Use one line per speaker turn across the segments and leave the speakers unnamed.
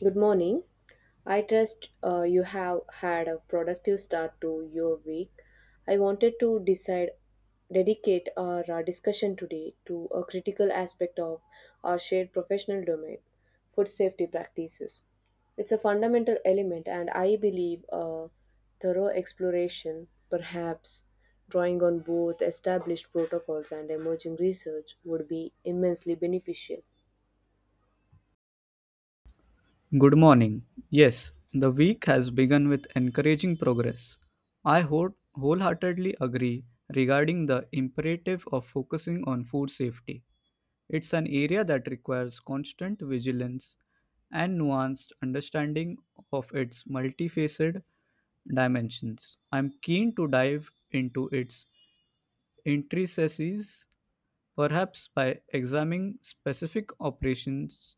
Good morning. I trust you have had a productive start to your week. I wanted to decide, Dedicate our discussion today to a critical aspect of our shared professional domain, food safety practices. It's a fundamental element, and I believe a thorough exploration, perhaps drawing on both established protocols and emerging research, would be immensely beneficial.
Good morning. Yes, the week has begun with encouraging progress. I wholeheartedly agree regarding the imperative of focusing on food safety. It's an area that requires constant vigilance and nuanced understanding of its multifaceted dimensions. I'm keen to dive into its intricacies perhaps by examining specific operations,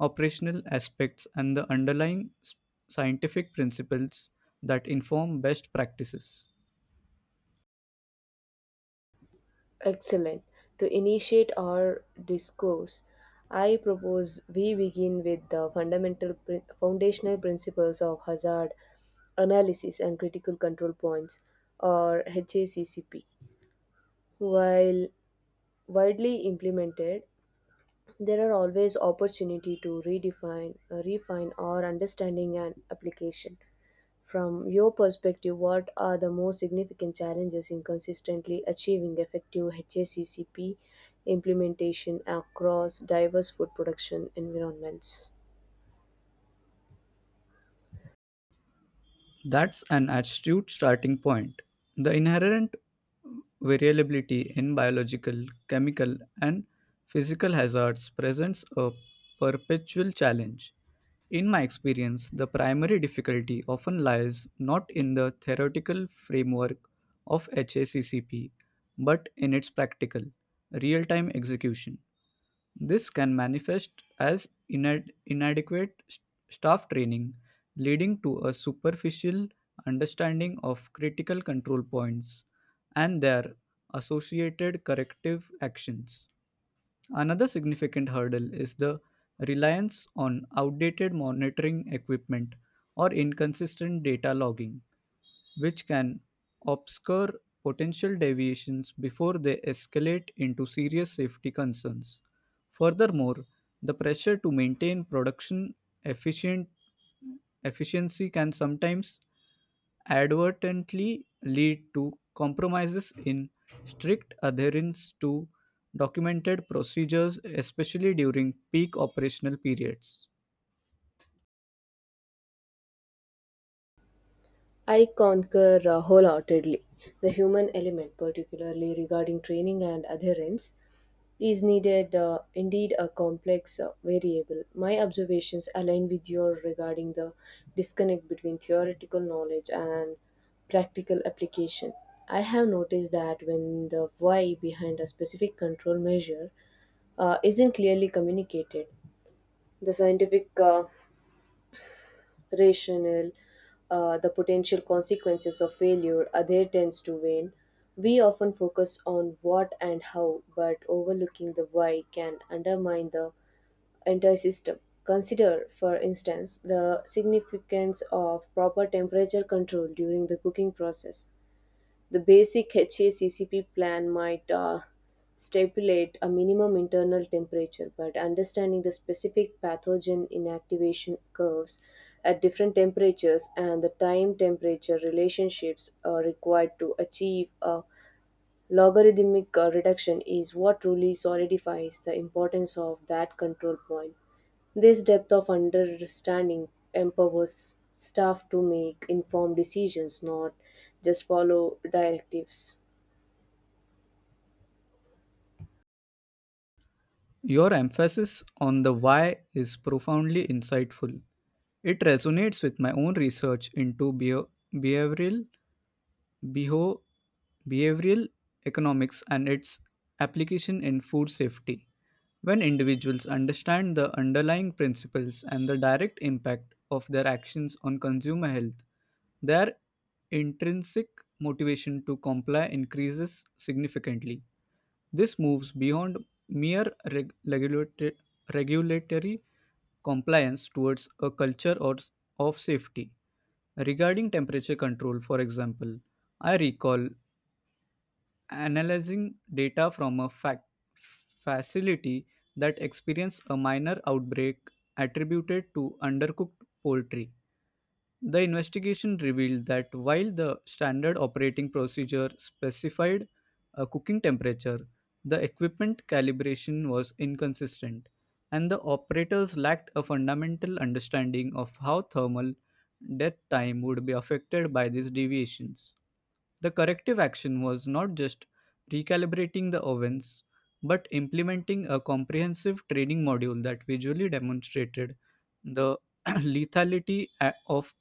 operational aspects, and the underlying scientific principles that inform best practices.
Excellent. To initiate our discourse, I propose we begin with the foundational principles of hazard analysis and critical control points, or HACCP. While widely implemented, there are always opportunity to refine our understanding and application. From your perspective, what are the most significant challenges in consistently achieving effective HACCP implementation across diverse food production environments?
That's an astute starting point. The inherent variability in biological, chemical, and physical hazards presents a perpetual challenge. In my experience, the primary difficulty often lies not in the theoretical framework of HACCP but in its practical, real time execution. This can manifest as inadequate staff training, leading to a superficial understanding of critical control points and their associated corrective actions. Another significant hurdle is the reliance on outdated monitoring equipment or inconsistent data logging which can obscure potential deviations before they escalate into serious safety concerns. Furthermore, the pressure to maintain production efficient efficiency can sometimes advertently lead to compromises in strict adherence to documented procedures, especially during peak operational periods.
I concur wholeheartedly. The human element, particularly regarding training and adherence, is needed indeed a complex variable. My observations align with your regarding the disconnect between theoretical knowledge and practical application. I have noticed that when the why behind a specific control measure isn't clearly communicated, the scientific rational, the potential consequences of failure, other tends to wane. We often focus on what and how, but overlooking the why can undermine the entire system. Consider, for instance, the significance of proper temperature control during the cooking process. The basic HACCP plan might stipulate a minimum internal temperature, but understanding the specific pathogen inactivation curves at different temperatures and the time temperature relationships are required to achieve a logarithmic reduction is what truly solidifies the importance of that control point. This depth of understanding empowers staff to make informed decisions, not just follow directives.
Your emphasis on the why is profoundly insightful. It resonates with my own research into beho- behavioral economics and its application in food safety. When individuals understand the underlying principles and the direct impact of their actions on consumer health, their intrinsic motivation to comply increases significantly. This moves beyond mere regulatory compliance towards a culture or of safety. Regarding temperature control, for example, I recall analyzing data from a facility that experienced a minor outbreak attributed to undercooked poultry. The investigation revealed that while the standard operating procedure specified a cooking temperature, the equipment calibration was inconsistent, and the operators lacked a fundamental understanding of how thermal death time would be affected by these deviations. The corrective action was not just recalibrating the ovens, but implementing a comprehensive training module that visually demonstrated the lethality of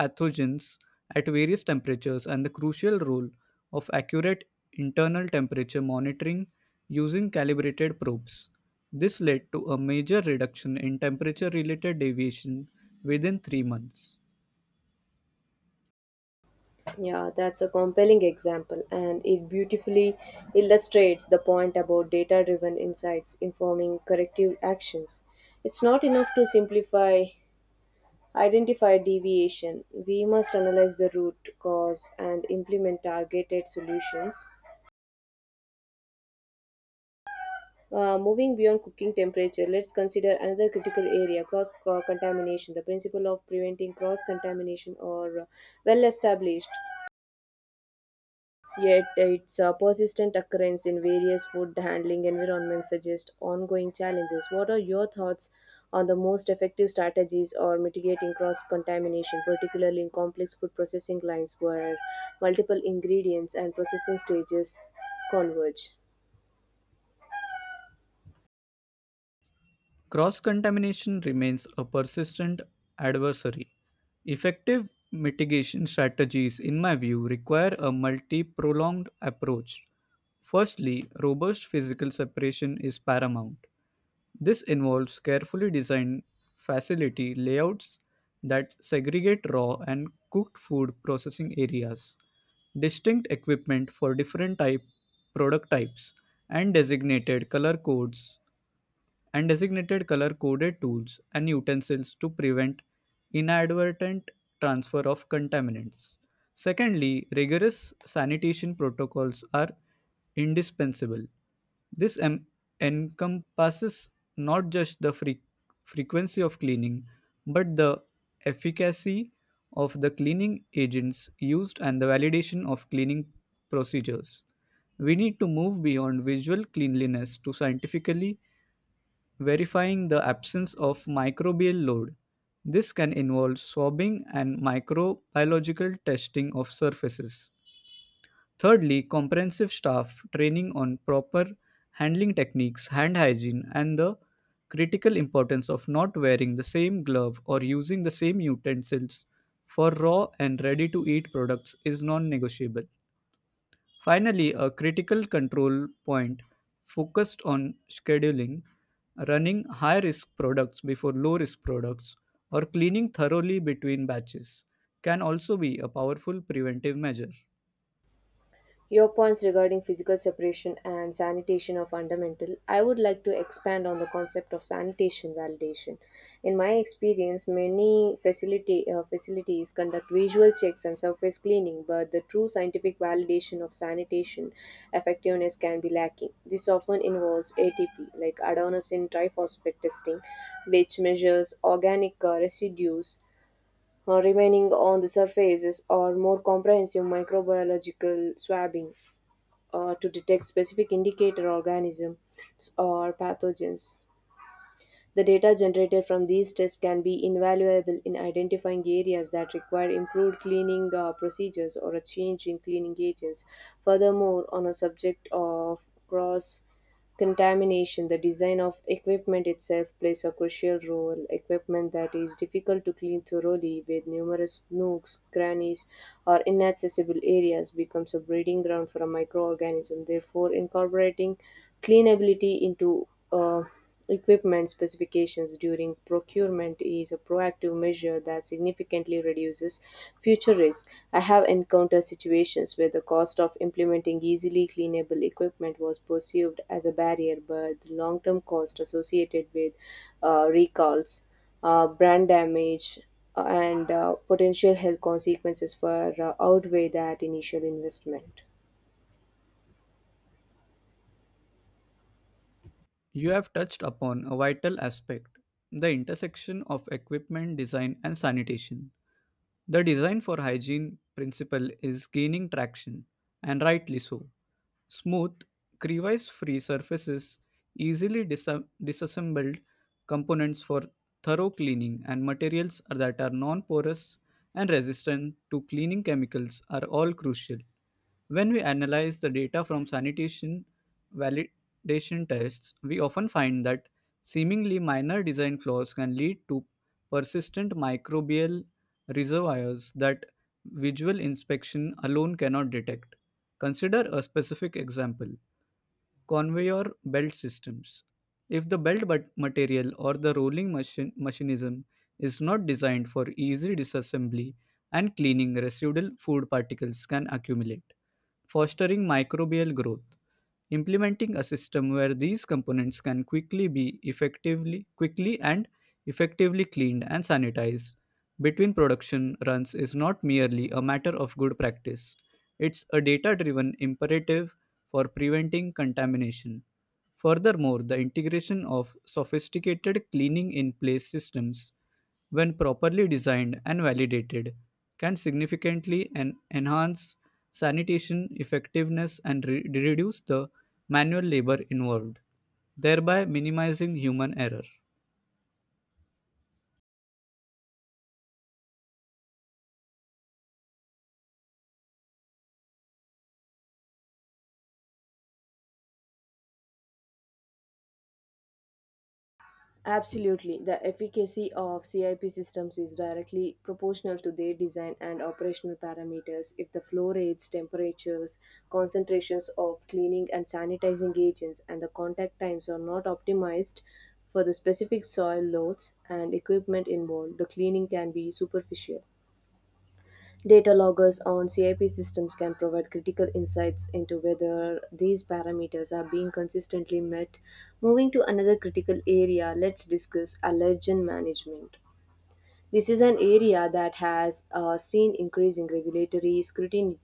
pathogens at various temperatures and the crucial role of accurate internal temperature monitoring using calibrated probes. This led to a major reduction in temperature related deviation within 3 months.
Yeah, that's a compelling example, and it beautifully illustrates the point about data driven insights informing corrective actions. It's not enough to simplify identify deviation. We must analyze the root cause and implement targeted solutions. Moving beyond cooking temperature, let's consider another critical area: cross contamination. The principle of preventing cross contamination or well established. Yet, its persistent occurrence in various food handling environments suggests ongoing challenges. What are your thoughts on the most effective strategies or mitigating cross contamination, particularly in complex food processing lines where multiple ingredients and processing stages converge?
Cross contamination remains a persistent adversary. Effective mitigation strategies, in my view, require a multi prolonged approach. Firstly, robust physical separation is paramount. This involves carefully designed facility layouts that segregate raw and cooked food processing areas, distinct equipment for different type product types, and designated color coded tools and utensils to prevent inadvertent transfer of contaminants. Secondly, rigorous sanitation protocols are indispensable. This encompasses not just the frequency of cleaning, but the efficacy of the cleaning agents used and the validation of cleaning procedures. We need to move beyond visual cleanliness to scientifically verifying the absence of microbial load. This can involve swabbing and microbiological testing of surfaces. Thirdly, comprehensive staff training on proper handling techniques, hand hygiene, and the critical importance of not wearing the same glove or using the same utensils for raw and ready to eat products is non negotiable. Finally, a critical control point focused on scheduling, running high risk products before low risk products, or cleaning thoroughly between batches can also be a powerful preventive measure.
Your points regarding physical separation and sanitation are fundamental. I would like to expand on the concept of sanitation validation. In my experience, many facilities conduct visual checks and surface cleaning, but the true scientific validation of sanitation effectiveness can be lacking. This often involves ATP, like adenosine triphosphate testing, which measures organic residues remaining on the surfaces, or more comprehensive microbiological swabbing to detect specific indicator organisms or pathogens. The data generated from these tests can be invaluable in identifying areas that require improved cleaning procedures or a change in cleaning agents. Furthermore, on a subject of cross contamination, the design of equipment itself plays a crucial role. Equipment that is difficult to clean thoroughly, with numerous nooks, crannies, or inaccessible areas, becomes a breeding ground for a microorganism. Therefore, incorporating cleanability into equipment specifications during procurement is a proactive measure that significantly reduces future risk. I have encountered situations where the cost of implementing easily cleanable equipment was perceived as a barrier, but the long term cost associated with recalls, brand damage, and potential health consequences far outweigh that initial investment.
You have touched upon a vital aspect: the intersection of equipment design and sanitation. The design for hygiene principle is gaining traction, and rightly so. Smooth, crevice free surfaces, easily disassembled components for thorough cleaning, and materials that are non porous and resistant to cleaning chemicals are all crucial. When we analyze the data from sanitation validation tests, we often find that seemingly minor design flaws can lead to persistent microbial reservoirs that visual inspection alone cannot detect. Consider a specific example: conveyor belt systems. If the belt but material or the machinism is not designed for easy disassembly and cleaning, residual food particles can accumulate, fostering microbial growth. Implementing a system where these components can quickly and effectively cleaned and sanitized between production runs is not merely a matter of good practice, it's a data driven imperative for preventing contamination. Furthermore, the integration of sophisticated cleaning in place systems, when properly designed and validated, can significantly enhance sanitation effectiveness and reduce the manual labor involved, thereby minimizing human error.
Absolutely. The efficacy of CIP systems is directly proportional to their design and operational parameters. If the flow rates, temperatures, concentrations of cleaning and sanitizing agents, and the contact times are not optimized for the specific soil loads and equipment involved, the cleaning can be superficial. Data loggers on CIP systems can provide critical insights into whether these parameters are being consistently met. Moving to another critical area, let's discuss allergen management. This is an area that has seen increasing regulatory scrutiny,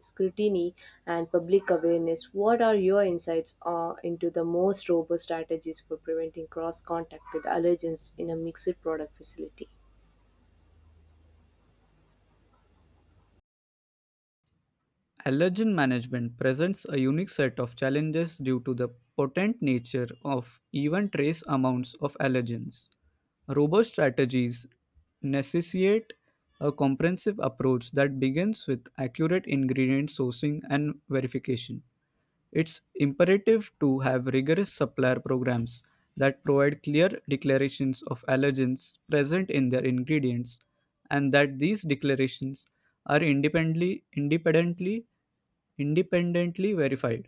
scrutiny and public awareness. What are your insights into the most robust strategies for preventing cross contact with allergens in a mixed product facility?
Allergen management presents a unique set of challenges due to the potent nature of even trace amounts of allergens. Robust strategies necessitate a comprehensive approach that begins with accurate ingredient sourcing and verification. It's imperative to have rigorous supplier programs that provide clear declarations of allergens present in their ingredients and that these declarations are independently independently verified.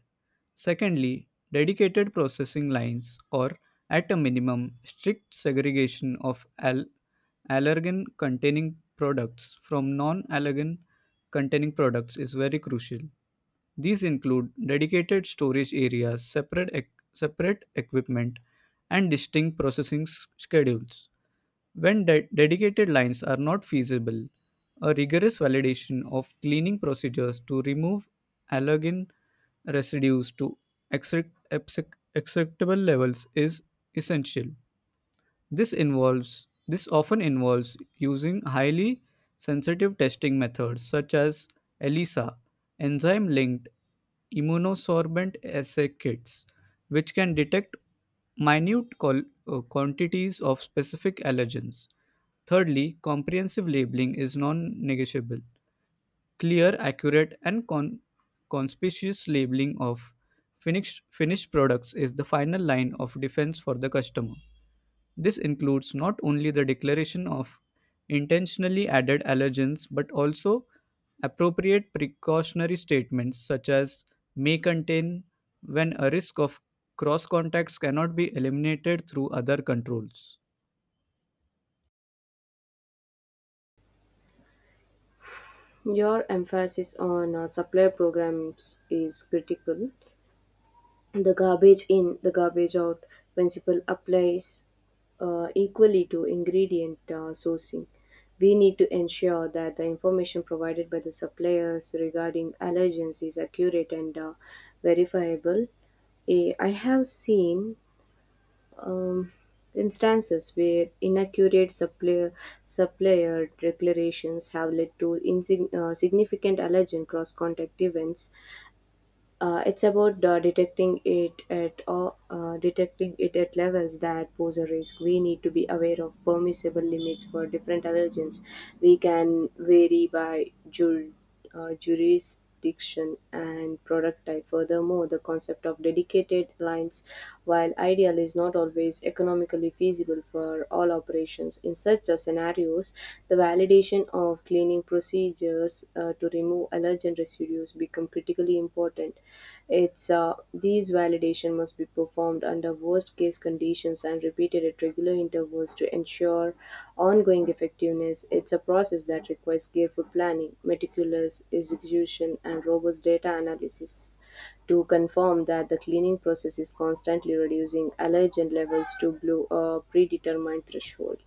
Secondly, dedicated processing lines or, at a minimum, strict segregation of allergen containing products from non allergen containing products is very crucial. These include dedicated storage areas, separate equipment, and distinct processing schedules. When dedicated lines are not feasible, a rigorous validation of cleaning procedures to remove allergen residues to acceptable levels is essential. This often involves using highly sensitive testing methods such as ELISA, enzyme linked immunosorbent assay kits, which can detect quantities of specific allergens. Thirdly, comprehensive labeling is non negotiable. Clear, accurate, and conspicuous labeling of finished products is the final line of defense for the customer. This includes not only the declaration of intentionally added allergens but also appropriate precautionary statements such as "may contain" when a risk of cross contacts cannot be eliminated through other controls.
Your emphasis on supply programs is critical. The garbage in, the garbage out principle applies equally to ingredient sourcing. We need to ensure that the information provided by the suppliers regarding allergens is accurate and verifiable. I have seen um, instances where supplier declarations have led to insignificant significant alleged cross-contact events it's about detecting it at levels that pose a risk. We need to be aware of permissible limits for different allergens. We can vary by jurisdiction and product type. Furthermore, the concept of dedicated lines, while ideal, is not always economically feasible for all operations. In such scenarios, the validation of cleaning procedures to remove allergen residues become critically important. It's These validation must be performed under worst case conditions and repeated at regular intervals to ensure ongoing effectiveness. It's a process that requires careful planning, meticulous execution, and robust data analysis to confirm that the cleaning process is constantly reducing allergen levels to below a predetermined threshold.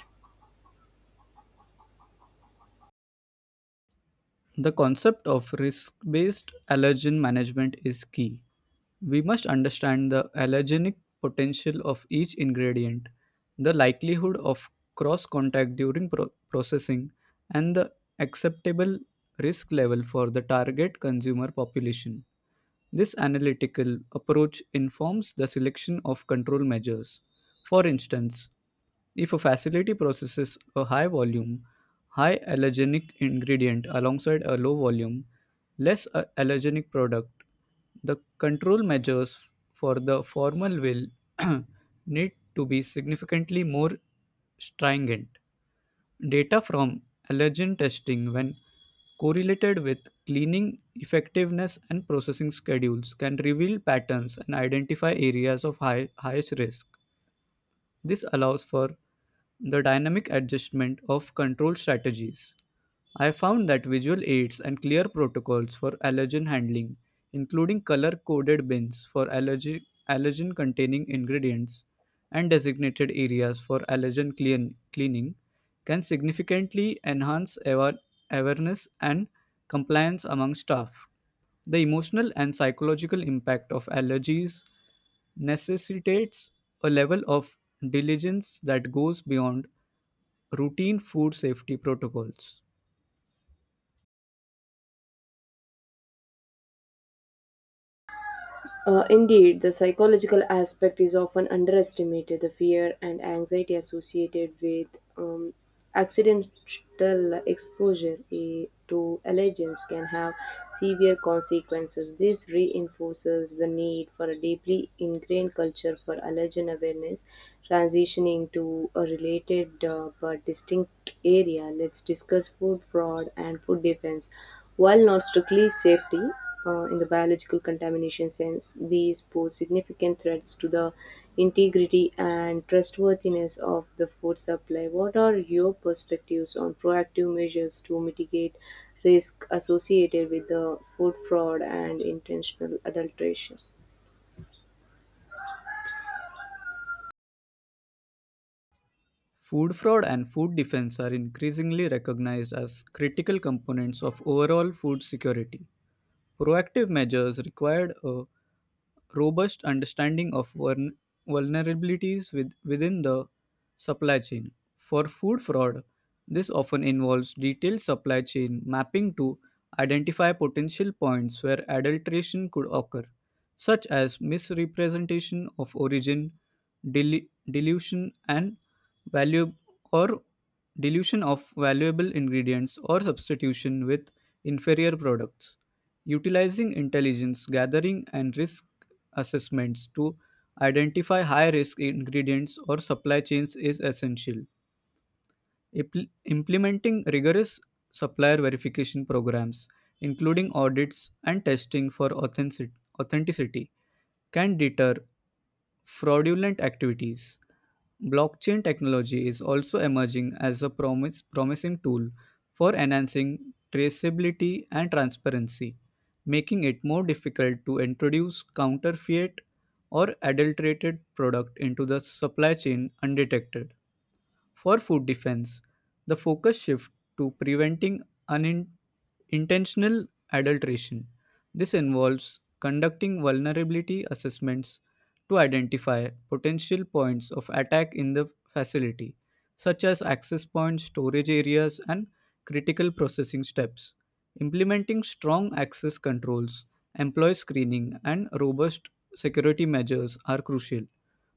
The concept of risk based allergen management is key. We must understand the allergenic potential of each ingredient, the likelihood of cross contact during processing, and the acceptable risk level for the target consumer population. This analytical approach informs the selection of control measures. For instance, if a facility processes a high volume, high allergenic ingredient alongside a low volume, allergenic product, the control measures for the formal will need to be significantly more stringent. Data from allergen testing, when correlated with cleaning effectiveness and processing schedules, can reveal patterns and identify areas of highest risk. This allows for the dynamic adjustment of control strategies. I found that visual aids and clear protocols for allergen handling, including color coded bins for allergen containing ingredients and designated areas for cleaning, can significantly enhance awareness and compliance among staff. The emotional and psychological impact of allergies necessitates a level of diligence that goes beyond routine food safety protocols.
Indeed, the psychological aspect is often underestimated. The fear and anxiety associated with um, accidental exposure to allergens can have severe consequences. This reinforces the need for a deeply ingrained culture for allergen awareness. Transitioning to a related but distinct area, let's discuss food fraud and food defense. While not strictly safety in the biological contamination sense, these pose significant threats to the integrity and trustworthiness of the food supply. What are your perspectives on proactive measures to mitigate risk associated with the food fraud and intentional adulteration?
Food fraud and food defense are increasingly recognized as critical components of overall food security. Proactive measures required a robust understanding of vulnerabilities within the supply chain. For food fraud, this often involves detailed supply chain mapping to identify potential points where adulteration could occur, such as misrepresentation of origin, delu- dilution, and value or dilution of valuable ingredients or substitution with inferior products. Utilizing intelligence gathering and risk assessments to identify high risk ingredients or supply chains is essential. Implementing rigorous supplier verification programs, including audits and testing for authenticity, can deter fraudulent activities. Blockchain technology is also emerging as a promising tool for enhancing traceability and transparency, making it more difficult to introduce counterfeit or adulterated product into the supply chain undetected. For food defense, the focus shifts to preventing unintentional adulteration. This involves conducting vulnerability assessments to identify potential points of attack in the facility, such as access points, storage areas, and critical processing steps. Implementing strong access controls, employee screening, and robust security measures are crucial.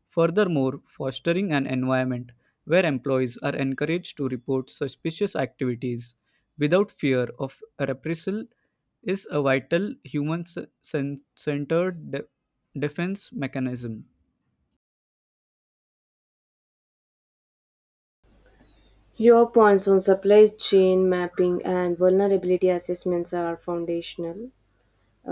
Furthermore, fostering an environment where employees are encouraged to report suspicious activities without fear of reprisal is a vital human centered defense mechanism.
Your points on supply chain mapping and vulnerability assessments are foundational.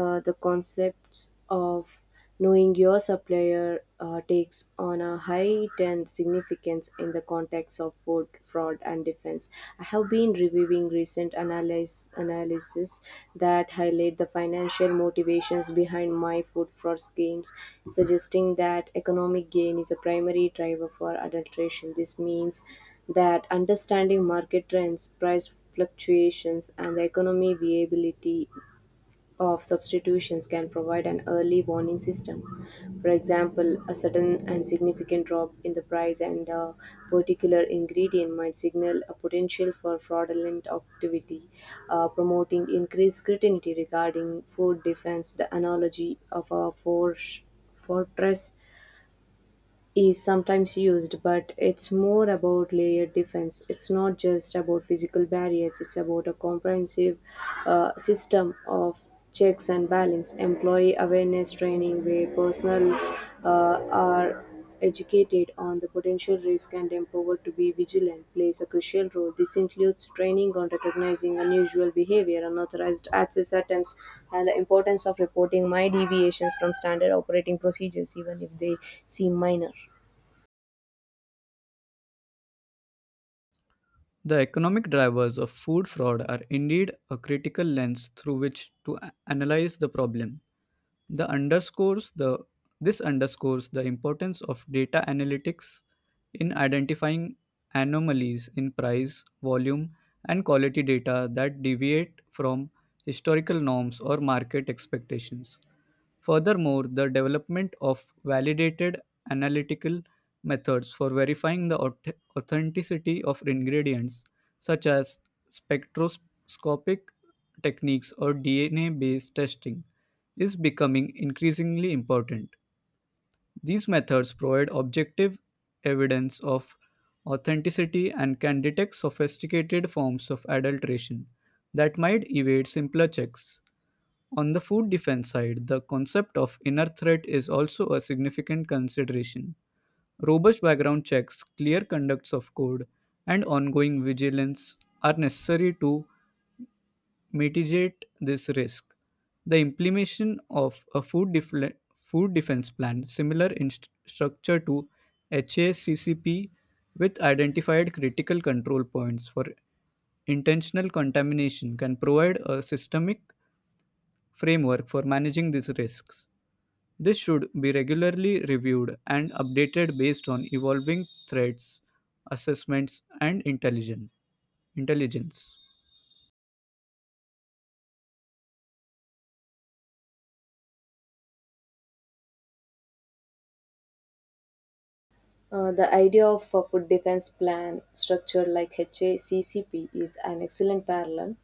The concepts of knowing your supplier takes on a heightened significance in the context of food fraud and defense. I have been reviewing recent analysis that highlight the financial motivations behind my food fraud schemes, suggesting that economic gain is a primary driver for adulteration. This means that understanding market trends, price fluctuations, and the economy viability of substitutions can provide an early warning system. For example, a sudden and significant drop in the price and a particular ingredient might signal a potential for fraudulent activity, promoting increased scrutiny regarding food defense. The analogy of a force fortress is sometimes used, but it's more about layered defense. It's not just about physical barriers, it's about a comprehensive system of checks and balance, employee awareness training, where personnel are educated on the potential risk and empowered to be vigilant plays a crucial role. This includes training on recognizing unusual behavior, unauthorized access attempts, and the importance of reporting my deviations from standard operating procedures, even if they seem minor.
The economic drivers of food fraud are indeed a critical lens through which to analyze the problem. The underscores the this underscores the importance of data analytics in identifying anomalies in price, volume, and quality data that deviate from historical norms or market expectations. Furthermore, the development of validated analytical methods for verifying the authenticity of ingredients, such as spectroscopic techniques or DNA based testing, is becoming increasingly important. These methods provide objective evidence of authenticity and can detect sophisticated forms of adulteration that might evade simpler checks. On the food defense side, the concept of inner threat is also a significant consideration. Robust background checks, clear conducts of code, and ongoing vigilance are necessary to mitigate this risk. The implementation of a food defense plan, similar in structure to HACCP, with identified critical control points for intentional contamination, can provide a systemic framework for managing these risks. This should be regularly reviewed and updated based on evolving threats, assessments, and intelligence.
The idea of a food defense plan structured like HACCP is an excellent parallel.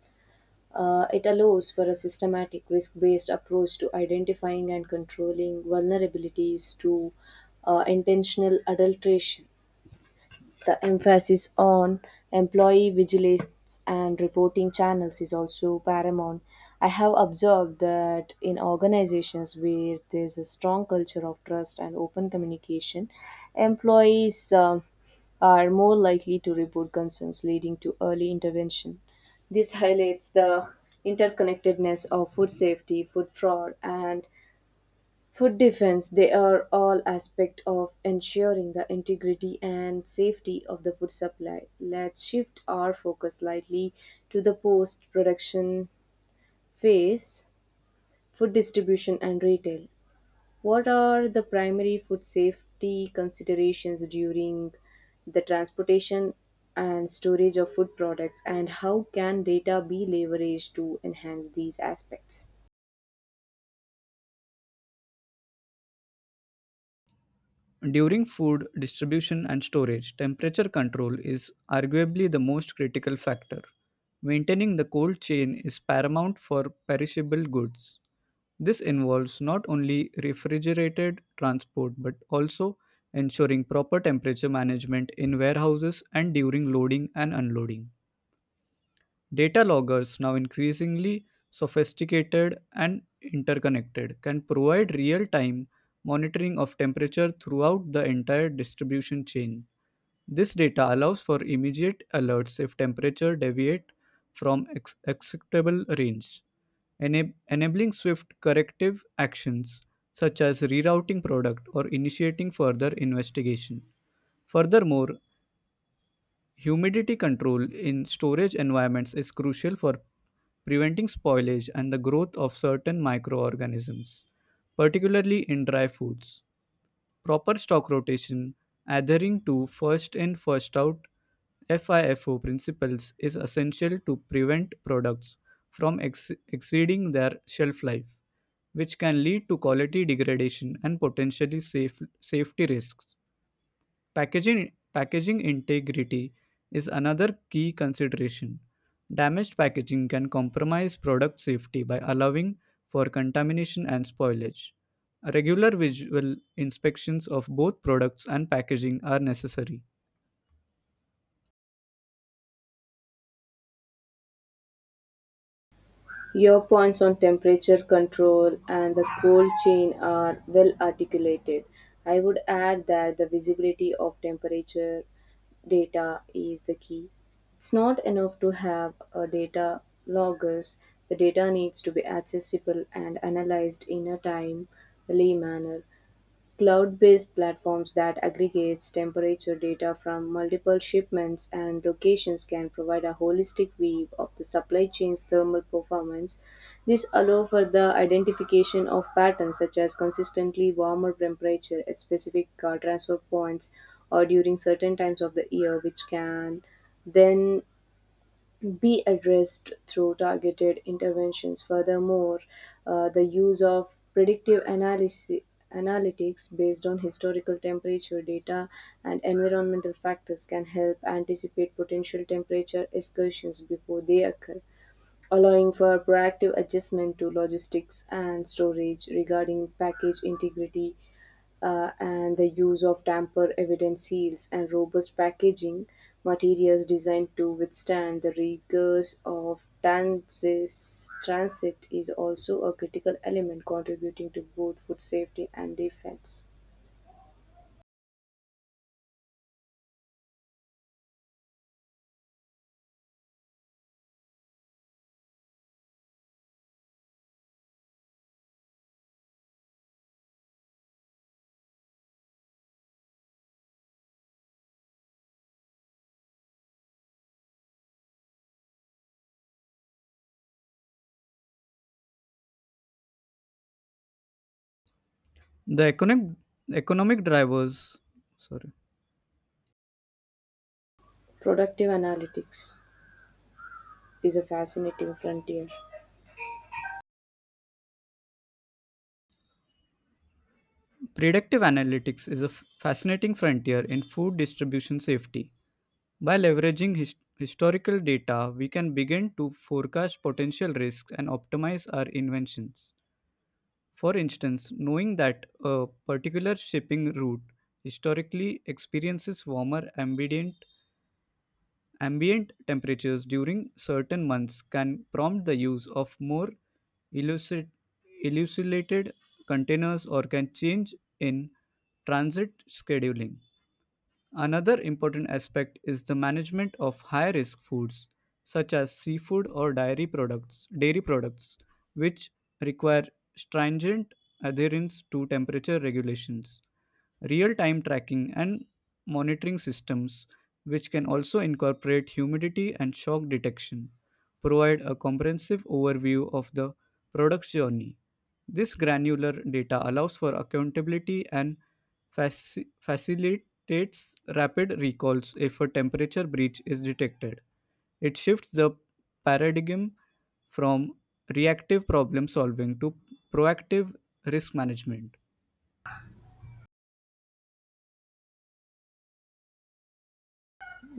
It allows for a systematic risk based approach to identifying and controlling vulnerabilities to intentional adulteration. The emphasis on employee vigilance and reporting channels is also paramount. I have observed that in organizations where there's a strong culture of trust and open communication, employees are more likely to report concerns, leading to early intervention. This highlights the interconnectedness of food safety, food fraud, and food defense. They are all aspect of ensuring the integrity and safety of the food supply. Let's shift our focus slightly to the post production phase, food distribution and retail. What are the primary food safety considerations during the transportation and storage of food products, and how can data be leveraged to enhance these aspects?
During food distribution and storage, temperature control is arguably the most critical factor. Maintaining the cold chain is paramount for perishable goods. This involves not only refrigerated transport but also ensuring proper temperature management in warehouses and during loading and unloading. Data loggers, now increasingly sophisticated and interconnected, can provide real time monitoring of temperature throughout the entire distribution chain. This data allows for immediate alerts if temperature deviate from acceptable range, enabling swift corrective actions such as rerouting product or initiating further investigation. Furthermore, humidity control in storage environments is crucial for preventing spoilage and the growth of certain microorganisms, particularly in dry foods. Proper stock rotation, adhering to first in first out, FIFO principles, is essential to prevent products from exceeding their shelf life, which can lead to quality degradation and potentially safety risks. Packaging integrity is another key consideration. Damaged packaging can compromise product safety by allowing for contamination and spoilage. Regular visual inspections of both products and packaging are necessary.
Your points on temperature control and the cold chain are well articulated. I would add that the visibility of temperature data is the key. It's not enough to have a data loggers. The data needs to be accessible and analyzed in a timely manner. Cloud-based platforms that aggregates temperature data from multiple shipments and locations can provide a holistic view of the supply chain's thermal performance. This allows for the identification of patterns, such as consistently warmer temperature at specific transfer points or during certain times of the year, which can then be addressed through targeted interventions. Furthermore, the use of predictive analytics based on historical temperature data and environmental factors can help anticipate potential temperature excursions before they occur, allowing for proactive adjustment to logistics and storage. Regarding package integrity, and the use of tamper evident seals and robust packaging materials designed to withstand the rigors of transit is also a critical element contributing to both food safety and defense.
The economic drivers, sorry,
Productive analytics is a fascinating frontier.
predictive analytics is a fascinating frontier in food distribution safety. By leveraging historical data, we can begin to forecast potential risks and optimize our inventions. For instance, knowing that a particular shipping route historically experiences ambient temperatures during certain months can prompt the use of more elucid, elucidated containers or can change in transit scheduling. Another important aspect is the management of high-risk foods such as seafood or dairy products, which require stringent adherence to temperature regulations, real time tracking and monitoring systems, which can also incorporate humidity and shock detection, provide a comprehensive overview of the product's journey. This granular data allows for accountability and facilitates rapid recalls if a temperature breach is detected. It shifts the paradigm from reactive problem solving to proactive risk management.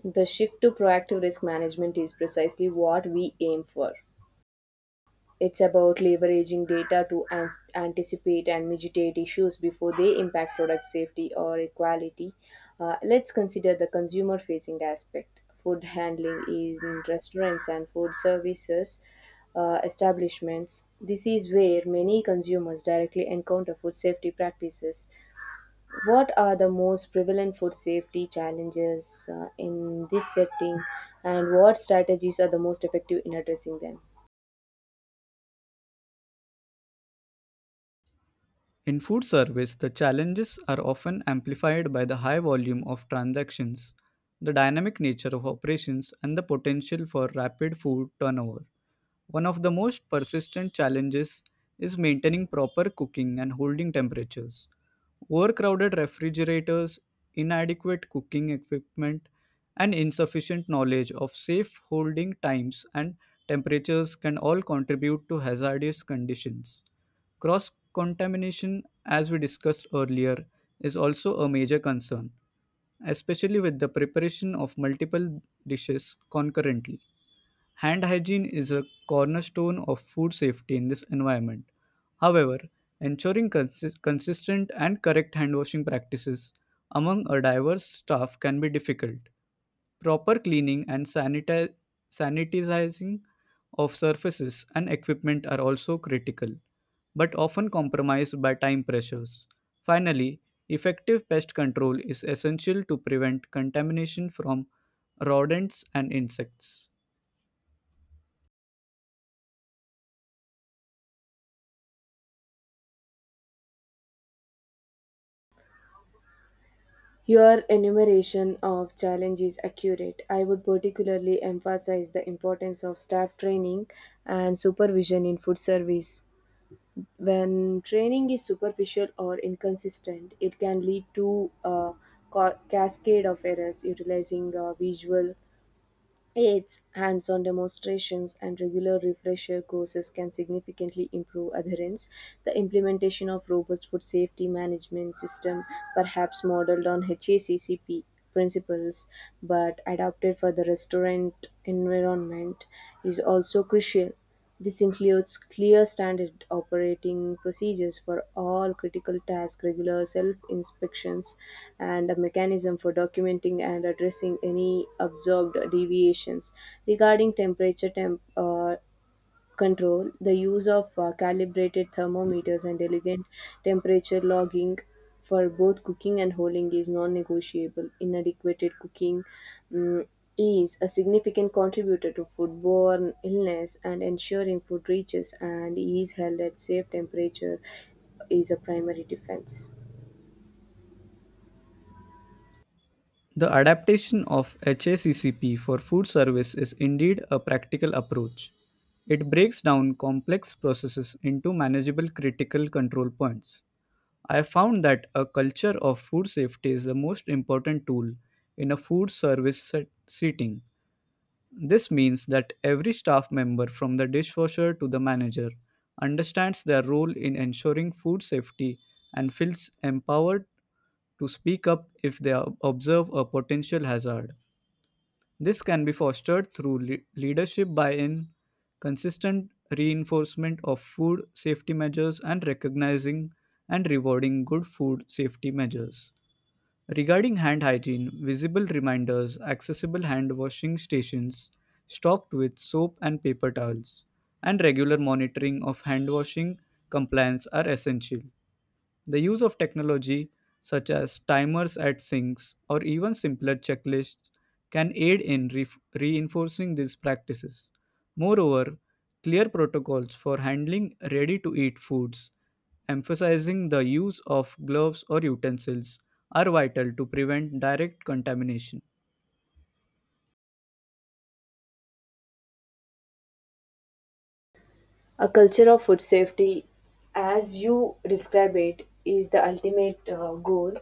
The shift to proactive risk management is precisely what we aim for. It's about leveraging data to anticipate and mitigate issues before they impact product safety or equality. Let's consider the consumer facing aspect. Food handling in restaurants and food services establishments. This is where many consumers directly encounter food safety practices. What are the most prevalent food safety challenges in this setting, and what strategies are the most effective in addressing them?
In food service, the challenges are often amplified by the high volume of transactions, the dynamic nature of operations, and the potential for rapid food turnover. One of the most persistent challenges is maintaining proper cooking and holding temperatures. Overcrowded refrigerators, inadequate cooking equipment, and insufficient knowledge of safe holding times and temperatures can all contribute to hazardous conditions. Cross contamination, as we discussed earlier, is also a major concern, especially with the preparation of multiple dishes concurrently. Hand hygiene is a cornerstone of food safety in this environment. However, ensuring consistent and correct hand washing practices among a diverse staff can be difficult. Proper cleaning and sanitizing of surfaces and equipment are also critical, but often compromised by time pressures. Finally, effective pest control is essential to prevent contamination from rodents and insects.
Your enumeration of challenge is accurate. I would particularly emphasize the importance of staff training and supervision in food service. When training is superficial or inconsistent, it can lead to a cascade of errors. Utilizing visual aids, hands on demonstrations, and regular refresher courses can significantly improve adherence. The implementation of robust food safety management system, perhaps modeled on HACCP principles but adapted for the restaurant environment, is also crucial. This includes clear standard operating procedures for all critical tasks, regular self inspections, and a mechanism for documenting and addressing any observed deviations. Regarding temperature control, the use of calibrated thermometers and elegant temperature logging for both cooking and holding is non negotiable. Inadequate cooking mm, is a significant contributor to foodborne illness, and ensuring food reaches and is held at safe temperature is a primary defense.
The adaptation of HACCP for food service is indeed a practical approach. It breaks down complex processes into manageable critical control points. I have found that a culture of food safety is the most important tool in a food service setting. This means that every staff member, from the dishwasher to the manager, understands their role in ensuring food safety and feels empowered to speak up if they observe a potential hazard. This can be fostered through leadership buy in, consistent reinforcement of food safety measures, and recognizing and rewarding good food safety measures. Regarding hand hygiene, visible reminders, accessible hand washing stations stocked with soap and paper towels, and regular monitoring of hand washing compliance are essential. The use of technology such as timers at sinks or even simpler checklists can aid in reinforcing these practices. Moreover, clear protocols for handling ready to eat foods, emphasizing the use of gloves or utensils, are vital to prevent direct contamination.
A culture of food safety, as you describe it, is the ultimate goal.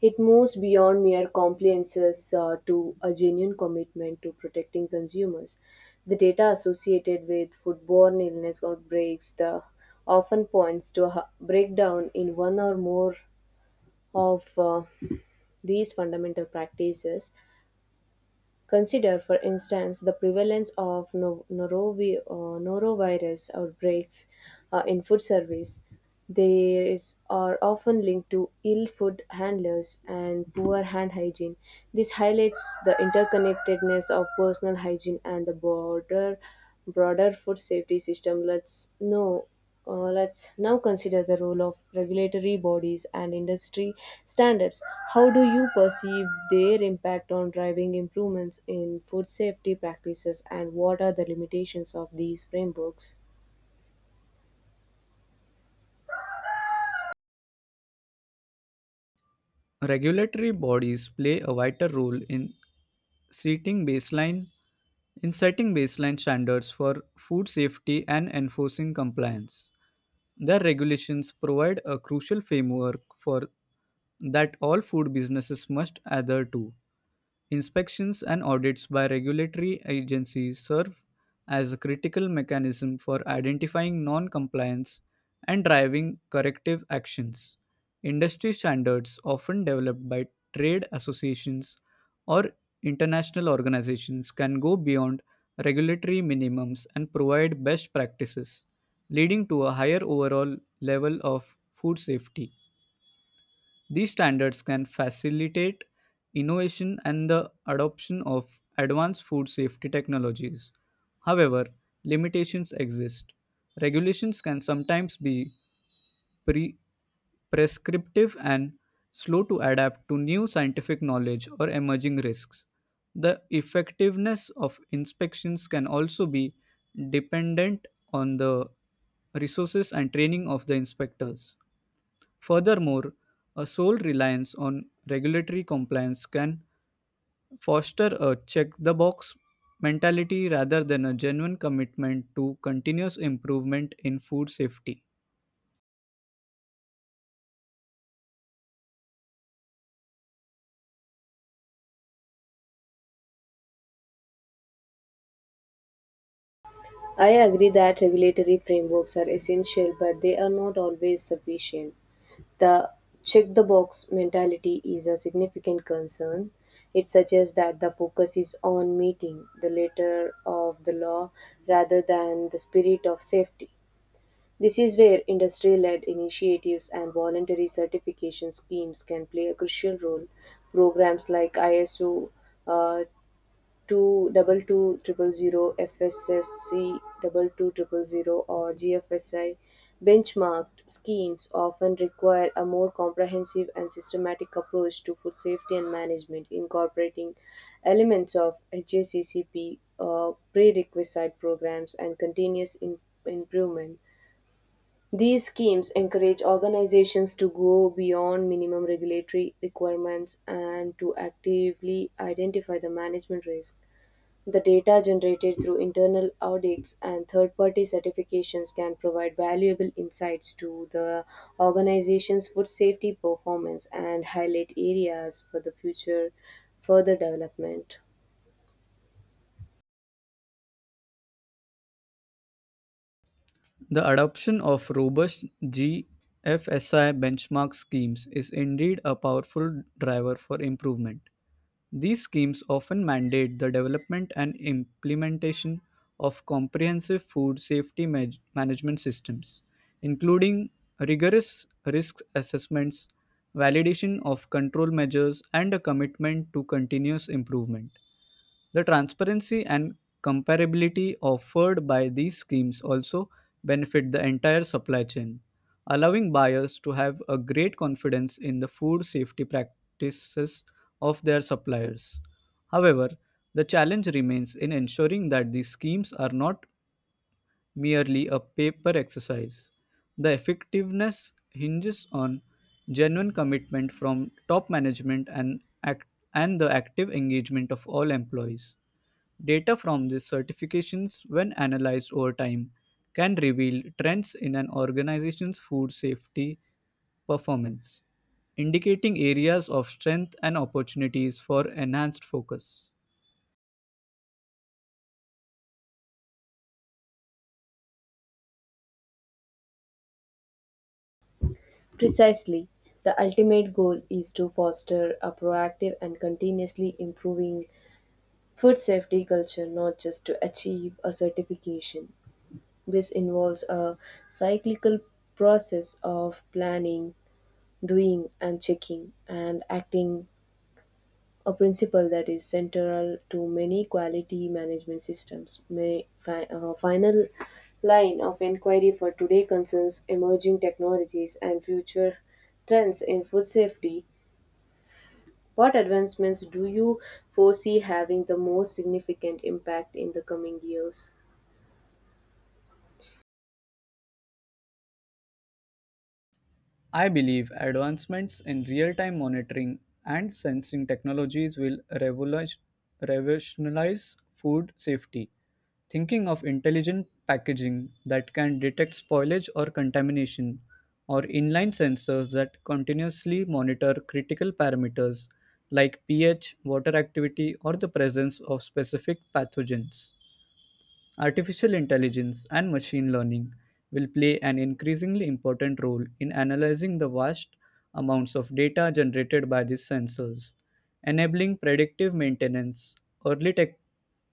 It moves beyond mere compliances to a genuine commitment to protecting consumers. The data associated with foodborne illness outbreaks the often points to a breakdown in one or more of these fundamental practices. Consider, for instance, the prevalence of norovirus outbreaks in food service, these are often linked to ill food handlers and poor hand hygiene. This highlights the interconnectedness of personal hygiene and the broader food safety system. Let's know. Let's now consider the role of regulatory bodies and industry standards. How do you perceive their impact on driving improvements in food safety practices, and what are the limitations of these frameworks?
Regulatory bodies play a vital role setting baseline in setting baseline standards for food safety and enforcing compliance. Their regulations provide a crucial framework for that all food businesses must adhere to. Inspections and audits by regulatory agencies serve as a critical mechanism for identifying non compliance and driving corrective actions. Industry standards, often developed by trade associations or international organizations, can go beyond regulatory minimums and provide best practices, leading to a higher overall level of food safety. These standards can facilitate innovation and the adoption of advanced food safety technologies. However, limitations exist. Regulations can sometimes be pre- prescriptive and slow to adapt to new scientific knowledge or emerging risks. The effectiveness of inspections can also be dependent on the resources and training of the inspectors. Furthermore, a sole reliance on regulatory compliance can foster a check the box mentality rather than a genuine commitment to continuous improvement in food safety.
I agree that regulatory frameworks are essential, but they are not always sufficient. The check the box mentality is a significant concern. It suggests that the focus is on meeting the letter of the law rather than the spirit of safety. This is where industry led initiatives and voluntary certification schemes can play a crucial role. Programs like ISO two double two triple zero FSSC 22000 or GFSI benchmarked schemes often require a more comprehensive and systematic approach to food safety and management, incorporating elements of HACCP prerequisite programs and continuous improvement. These schemes encourage organizations to go beyond minimum regulatory requirements and to actively identify the management risk. The data generated through internal audits and third party certifications can provide valuable insights to the organization's food safety performance and highlight areas for the future further development.
The adoption of robust GFSI benchmark schemes is indeed a powerful driver for improvement. These schemes often mandate the development and implementation of comprehensive food safety management systems, including rigorous risk assessments, validation of control measures, and a commitment to continuous improvement. The transparency and comparability offered by these schemes also benefit the entire supply chain, allowing buyers to have a great confidence in the food safety practices of their suppliers. However, the challenge remains in ensuring that these schemes are not merely a paper exercise. The effectiveness hinges on genuine commitment from top management and and the active engagement of all employees. Data from these certifications, when analyzed over time, can reveal trends in an organization's food safety performance, indicating areas of strength and opportunities for enhanced focus.
Precisely, the ultimate goal is to foster a proactive and continuously improving food safety culture, not just to achieve a certification. This involves a cyclical process of planning, doing and checking and acting, a principle that is central to many quality management systems. My final line of inquiry for today concerns emerging technologies and future trends in food safety. What advancements do you foresee having the most significant impact in the coming years?
I believe advancements in real time monitoring and sensing technologies will revolutionize food safety. Thinking of intelligent packaging that can detect spoilage or contamination, or inline sensors that continuously monitor critical parameters like pH, water activity, or the presence of specific pathogens. Artificial intelligence and machine learning will play an increasingly important role in analyzing the vast amounts of data generated by these sensors, enabling predictive maintenance, early tech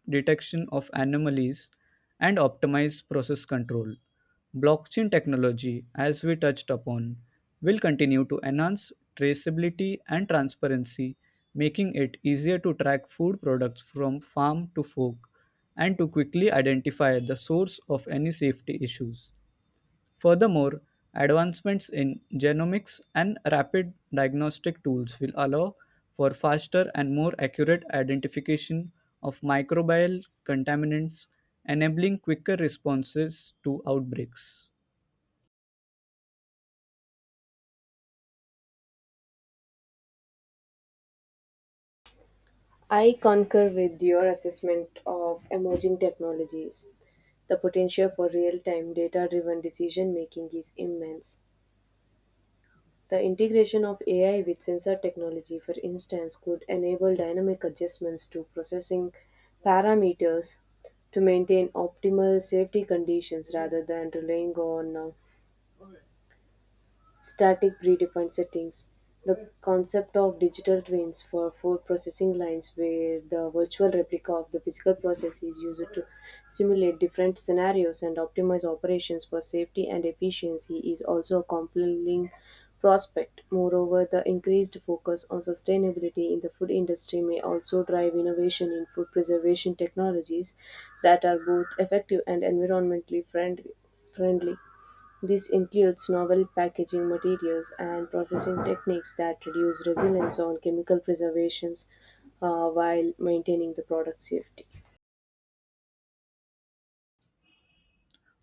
detection of anomalies, and optimized process control. Blockchain technology, as we touched upon, will continue to enhance traceability and transparency, making it easier to track food products from farm to fork and to quickly identify the source of any safety issues. Furthermore, advancements in genomics and rapid diagnostic tools will allow for faster and more accurate identification of microbial contaminants, enabling quicker responses to outbreaks.
I concur with your assessment of emerging technologies. The potential for real time data driven decision making is immense. The integration of AI with sensor technology, for instance, could enable dynamic adjustments to processing parameters to maintain optimal safety conditions rather than relying on static predefined settings. The concept of digital twins for food processing lines, where the virtual replica of the physical process is used to simulate different scenarios and optimize operations for safety and efficiency, is also a compelling prospect. Moreover, the increased focus on sustainability in the food industry may also drive innovation in food preservation technologies that are both effective and environmentally friendly. This includes novel packaging materials and processing techniques that reduce reliance on chemical preservations while maintaining the product safety.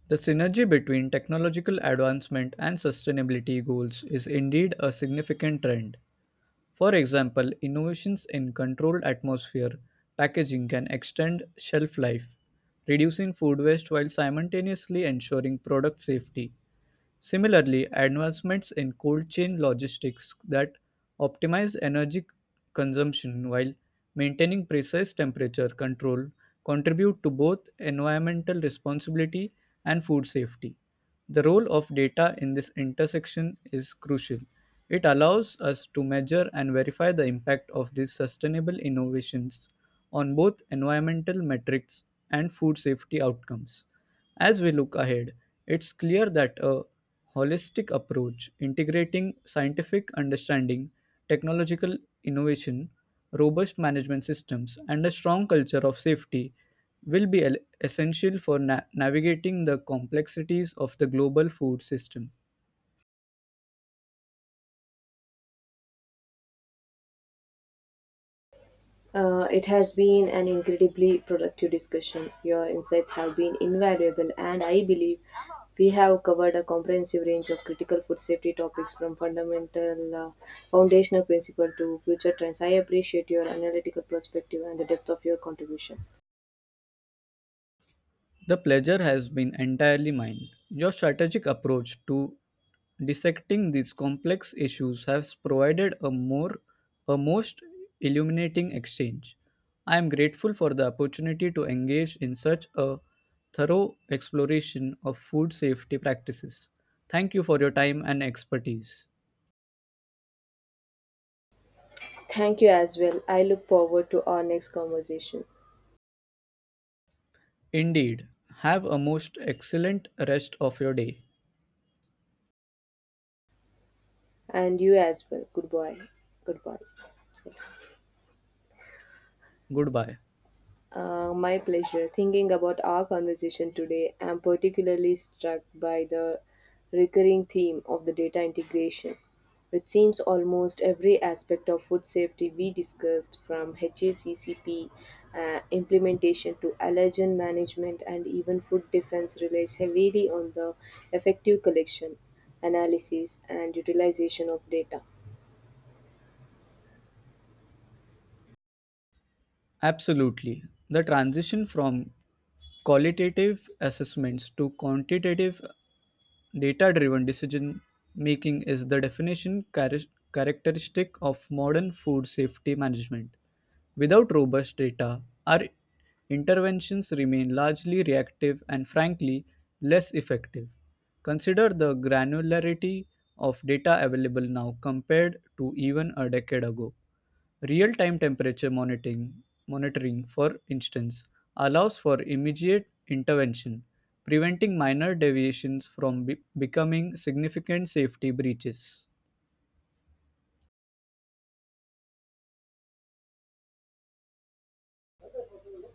The synergy between technological advancement and sustainability goals is indeed a significant trend. For example, innovations in controlled atmosphere packaging can extend shelf life, reducing food waste while simultaneously ensuring product safety. Similarly, advancements in cold chain logistics that optimize energy consumption while maintaining precise temperature control contribute to both environmental responsibility and food safety. The role of data in this intersection is crucial. It allows us to measure and verify the impact of these sustainable innovations on both environmental metrics and food safety outcomes. As we look ahead, it's clear that a holistic approach integrating scientific understanding, technological innovation, robust management systems, and a strong culture of safety will be essential for navigating the complexities of the global food system.
It has been an incredibly productive discussion. Your insights have been invaluable, and I believe we have covered a comprehensive range of critical food safety topics from fundamental foundational principle to future trends. I appreciate your analytical perspective and the depth of your contribution.
The pleasure has been entirely mine. Your strategic approach to dissecting these complex issues has provided a most illuminating exchange. I am grateful for the opportunity to engage in such a thorough exploration of food safety practices. Thank you for your time and expertise.
Thank you as well. I look forward to our next conversation.
Indeed, have a most excellent rest of your day.
And you as well. Goodbye. Goodbye.
Goodbye.
My pleasure. Thinking about our conversation today, I'm particularly struck by the recurring theme of the data integration. It seems almost every aspect of food safety we discussed, from HACCP implementation to allergen management and even food defense, relies heavily on the effective collection, analysis, and utilization of data.
Absolutely. The transition from qualitative assessments to quantitative data driven decision making is the definition characteristic of modern food safety management. Without robust data, our interventions remain largely reactive and frankly less effective. Consider the granularity of data available now compared to even a decade ago. Real time temperature monitoring, for instance, allows for immediate intervention, preventing minor deviations from becoming significant safety breaches.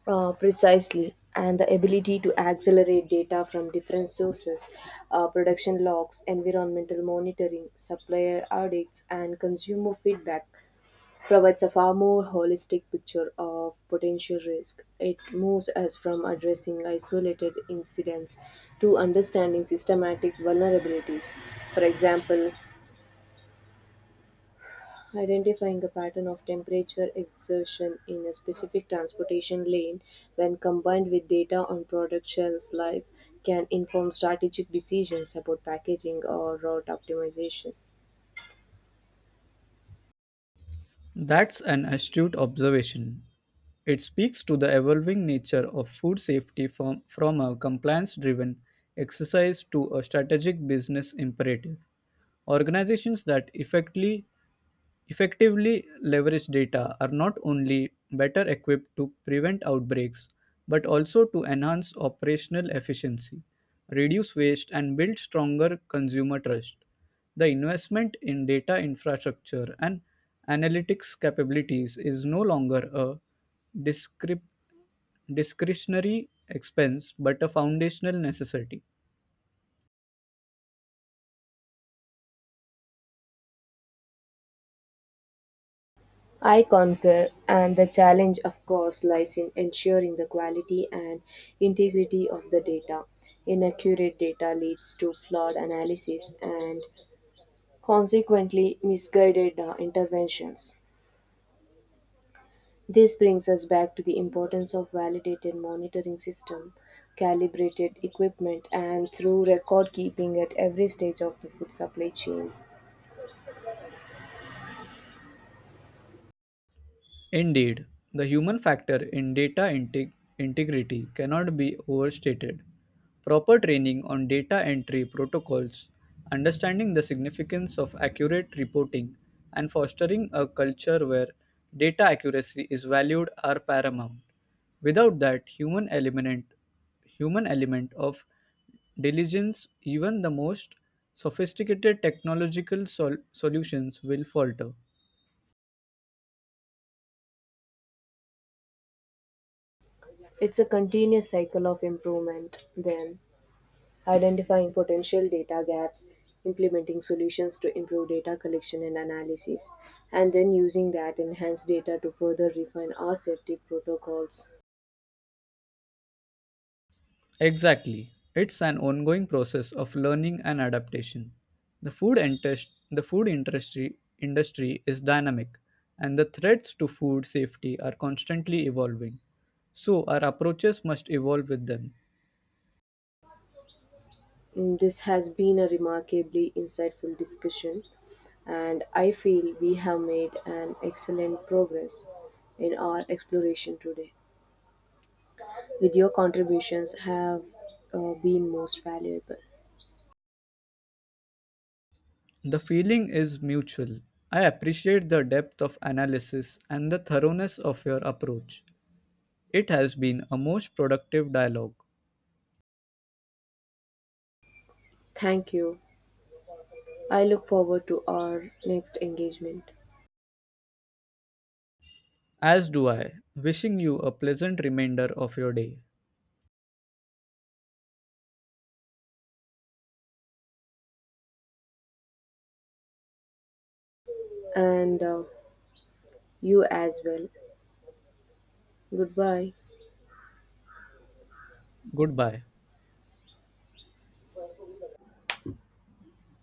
Precisely, and the ability to accelerate data from different sources, production logs, environmental monitoring, supplier audits, and consumer feedback provides a far more holistic picture of potential risk. It moves us from addressing isolated incidents to understanding systematic vulnerabilities. For example, identifying a pattern of temperature exertion in a specific transportation lane, when combined with data on product shelf life, can inform strategic decisions about packaging or route optimization.
That's an astute observation. It speaks to the evolving nature of food safety from a compliance driven exercise to a strategic business imperative. Organizations that effectively leveraged data are not only better equipped to prevent outbreaks but also to enhance operational efficiency, reduce waste, and build stronger consumer trust. The investment in data infrastructure and analytics capabilities is no longer a discrep- discretionary expense but a foundational necessity.
I concur, and the challenge, of course, lies in ensuring the quality and integrity of the data. Inaccurate data leads to flawed analysis and consequently misguided interventions. This brings us back to the importance of validated monitoring system, calibrated equipment and through record keeping at every stage of the food supply chain.
Indeed, the human factor in data integrity cannot be overstated. Proper training on data entry protocols, understanding the significance of accurate reporting, and fostering a culture where data accuracy is valued are paramount. Without that human element of diligence, even the most sophisticated technological solutions will falter.
It's a continuous cycle of improvement then identifying potential data gaps, implementing solutions to improve data collection and analysis, and then using that enhanced data to further refine our safety protocols.
Exactly. It's an ongoing process of learning and adaptation. The food industry is dynamic and the threats to food safety are constantly evolving. So our approaches must evolve with them.
This has been a remarkably insightful discussion, and I feel we have made an excellent progress in our exploration today. With your contributions have been most valuable.
The feeling is mutual. I appreciate the depth of analysis and the thoroughness of your approach. It has been a most productive dialogue.
Thank you. I look forward to our next engagement
As do I, wishing you a pleasant remainder of your day.
and you as well. Goodbye.
Goodbye.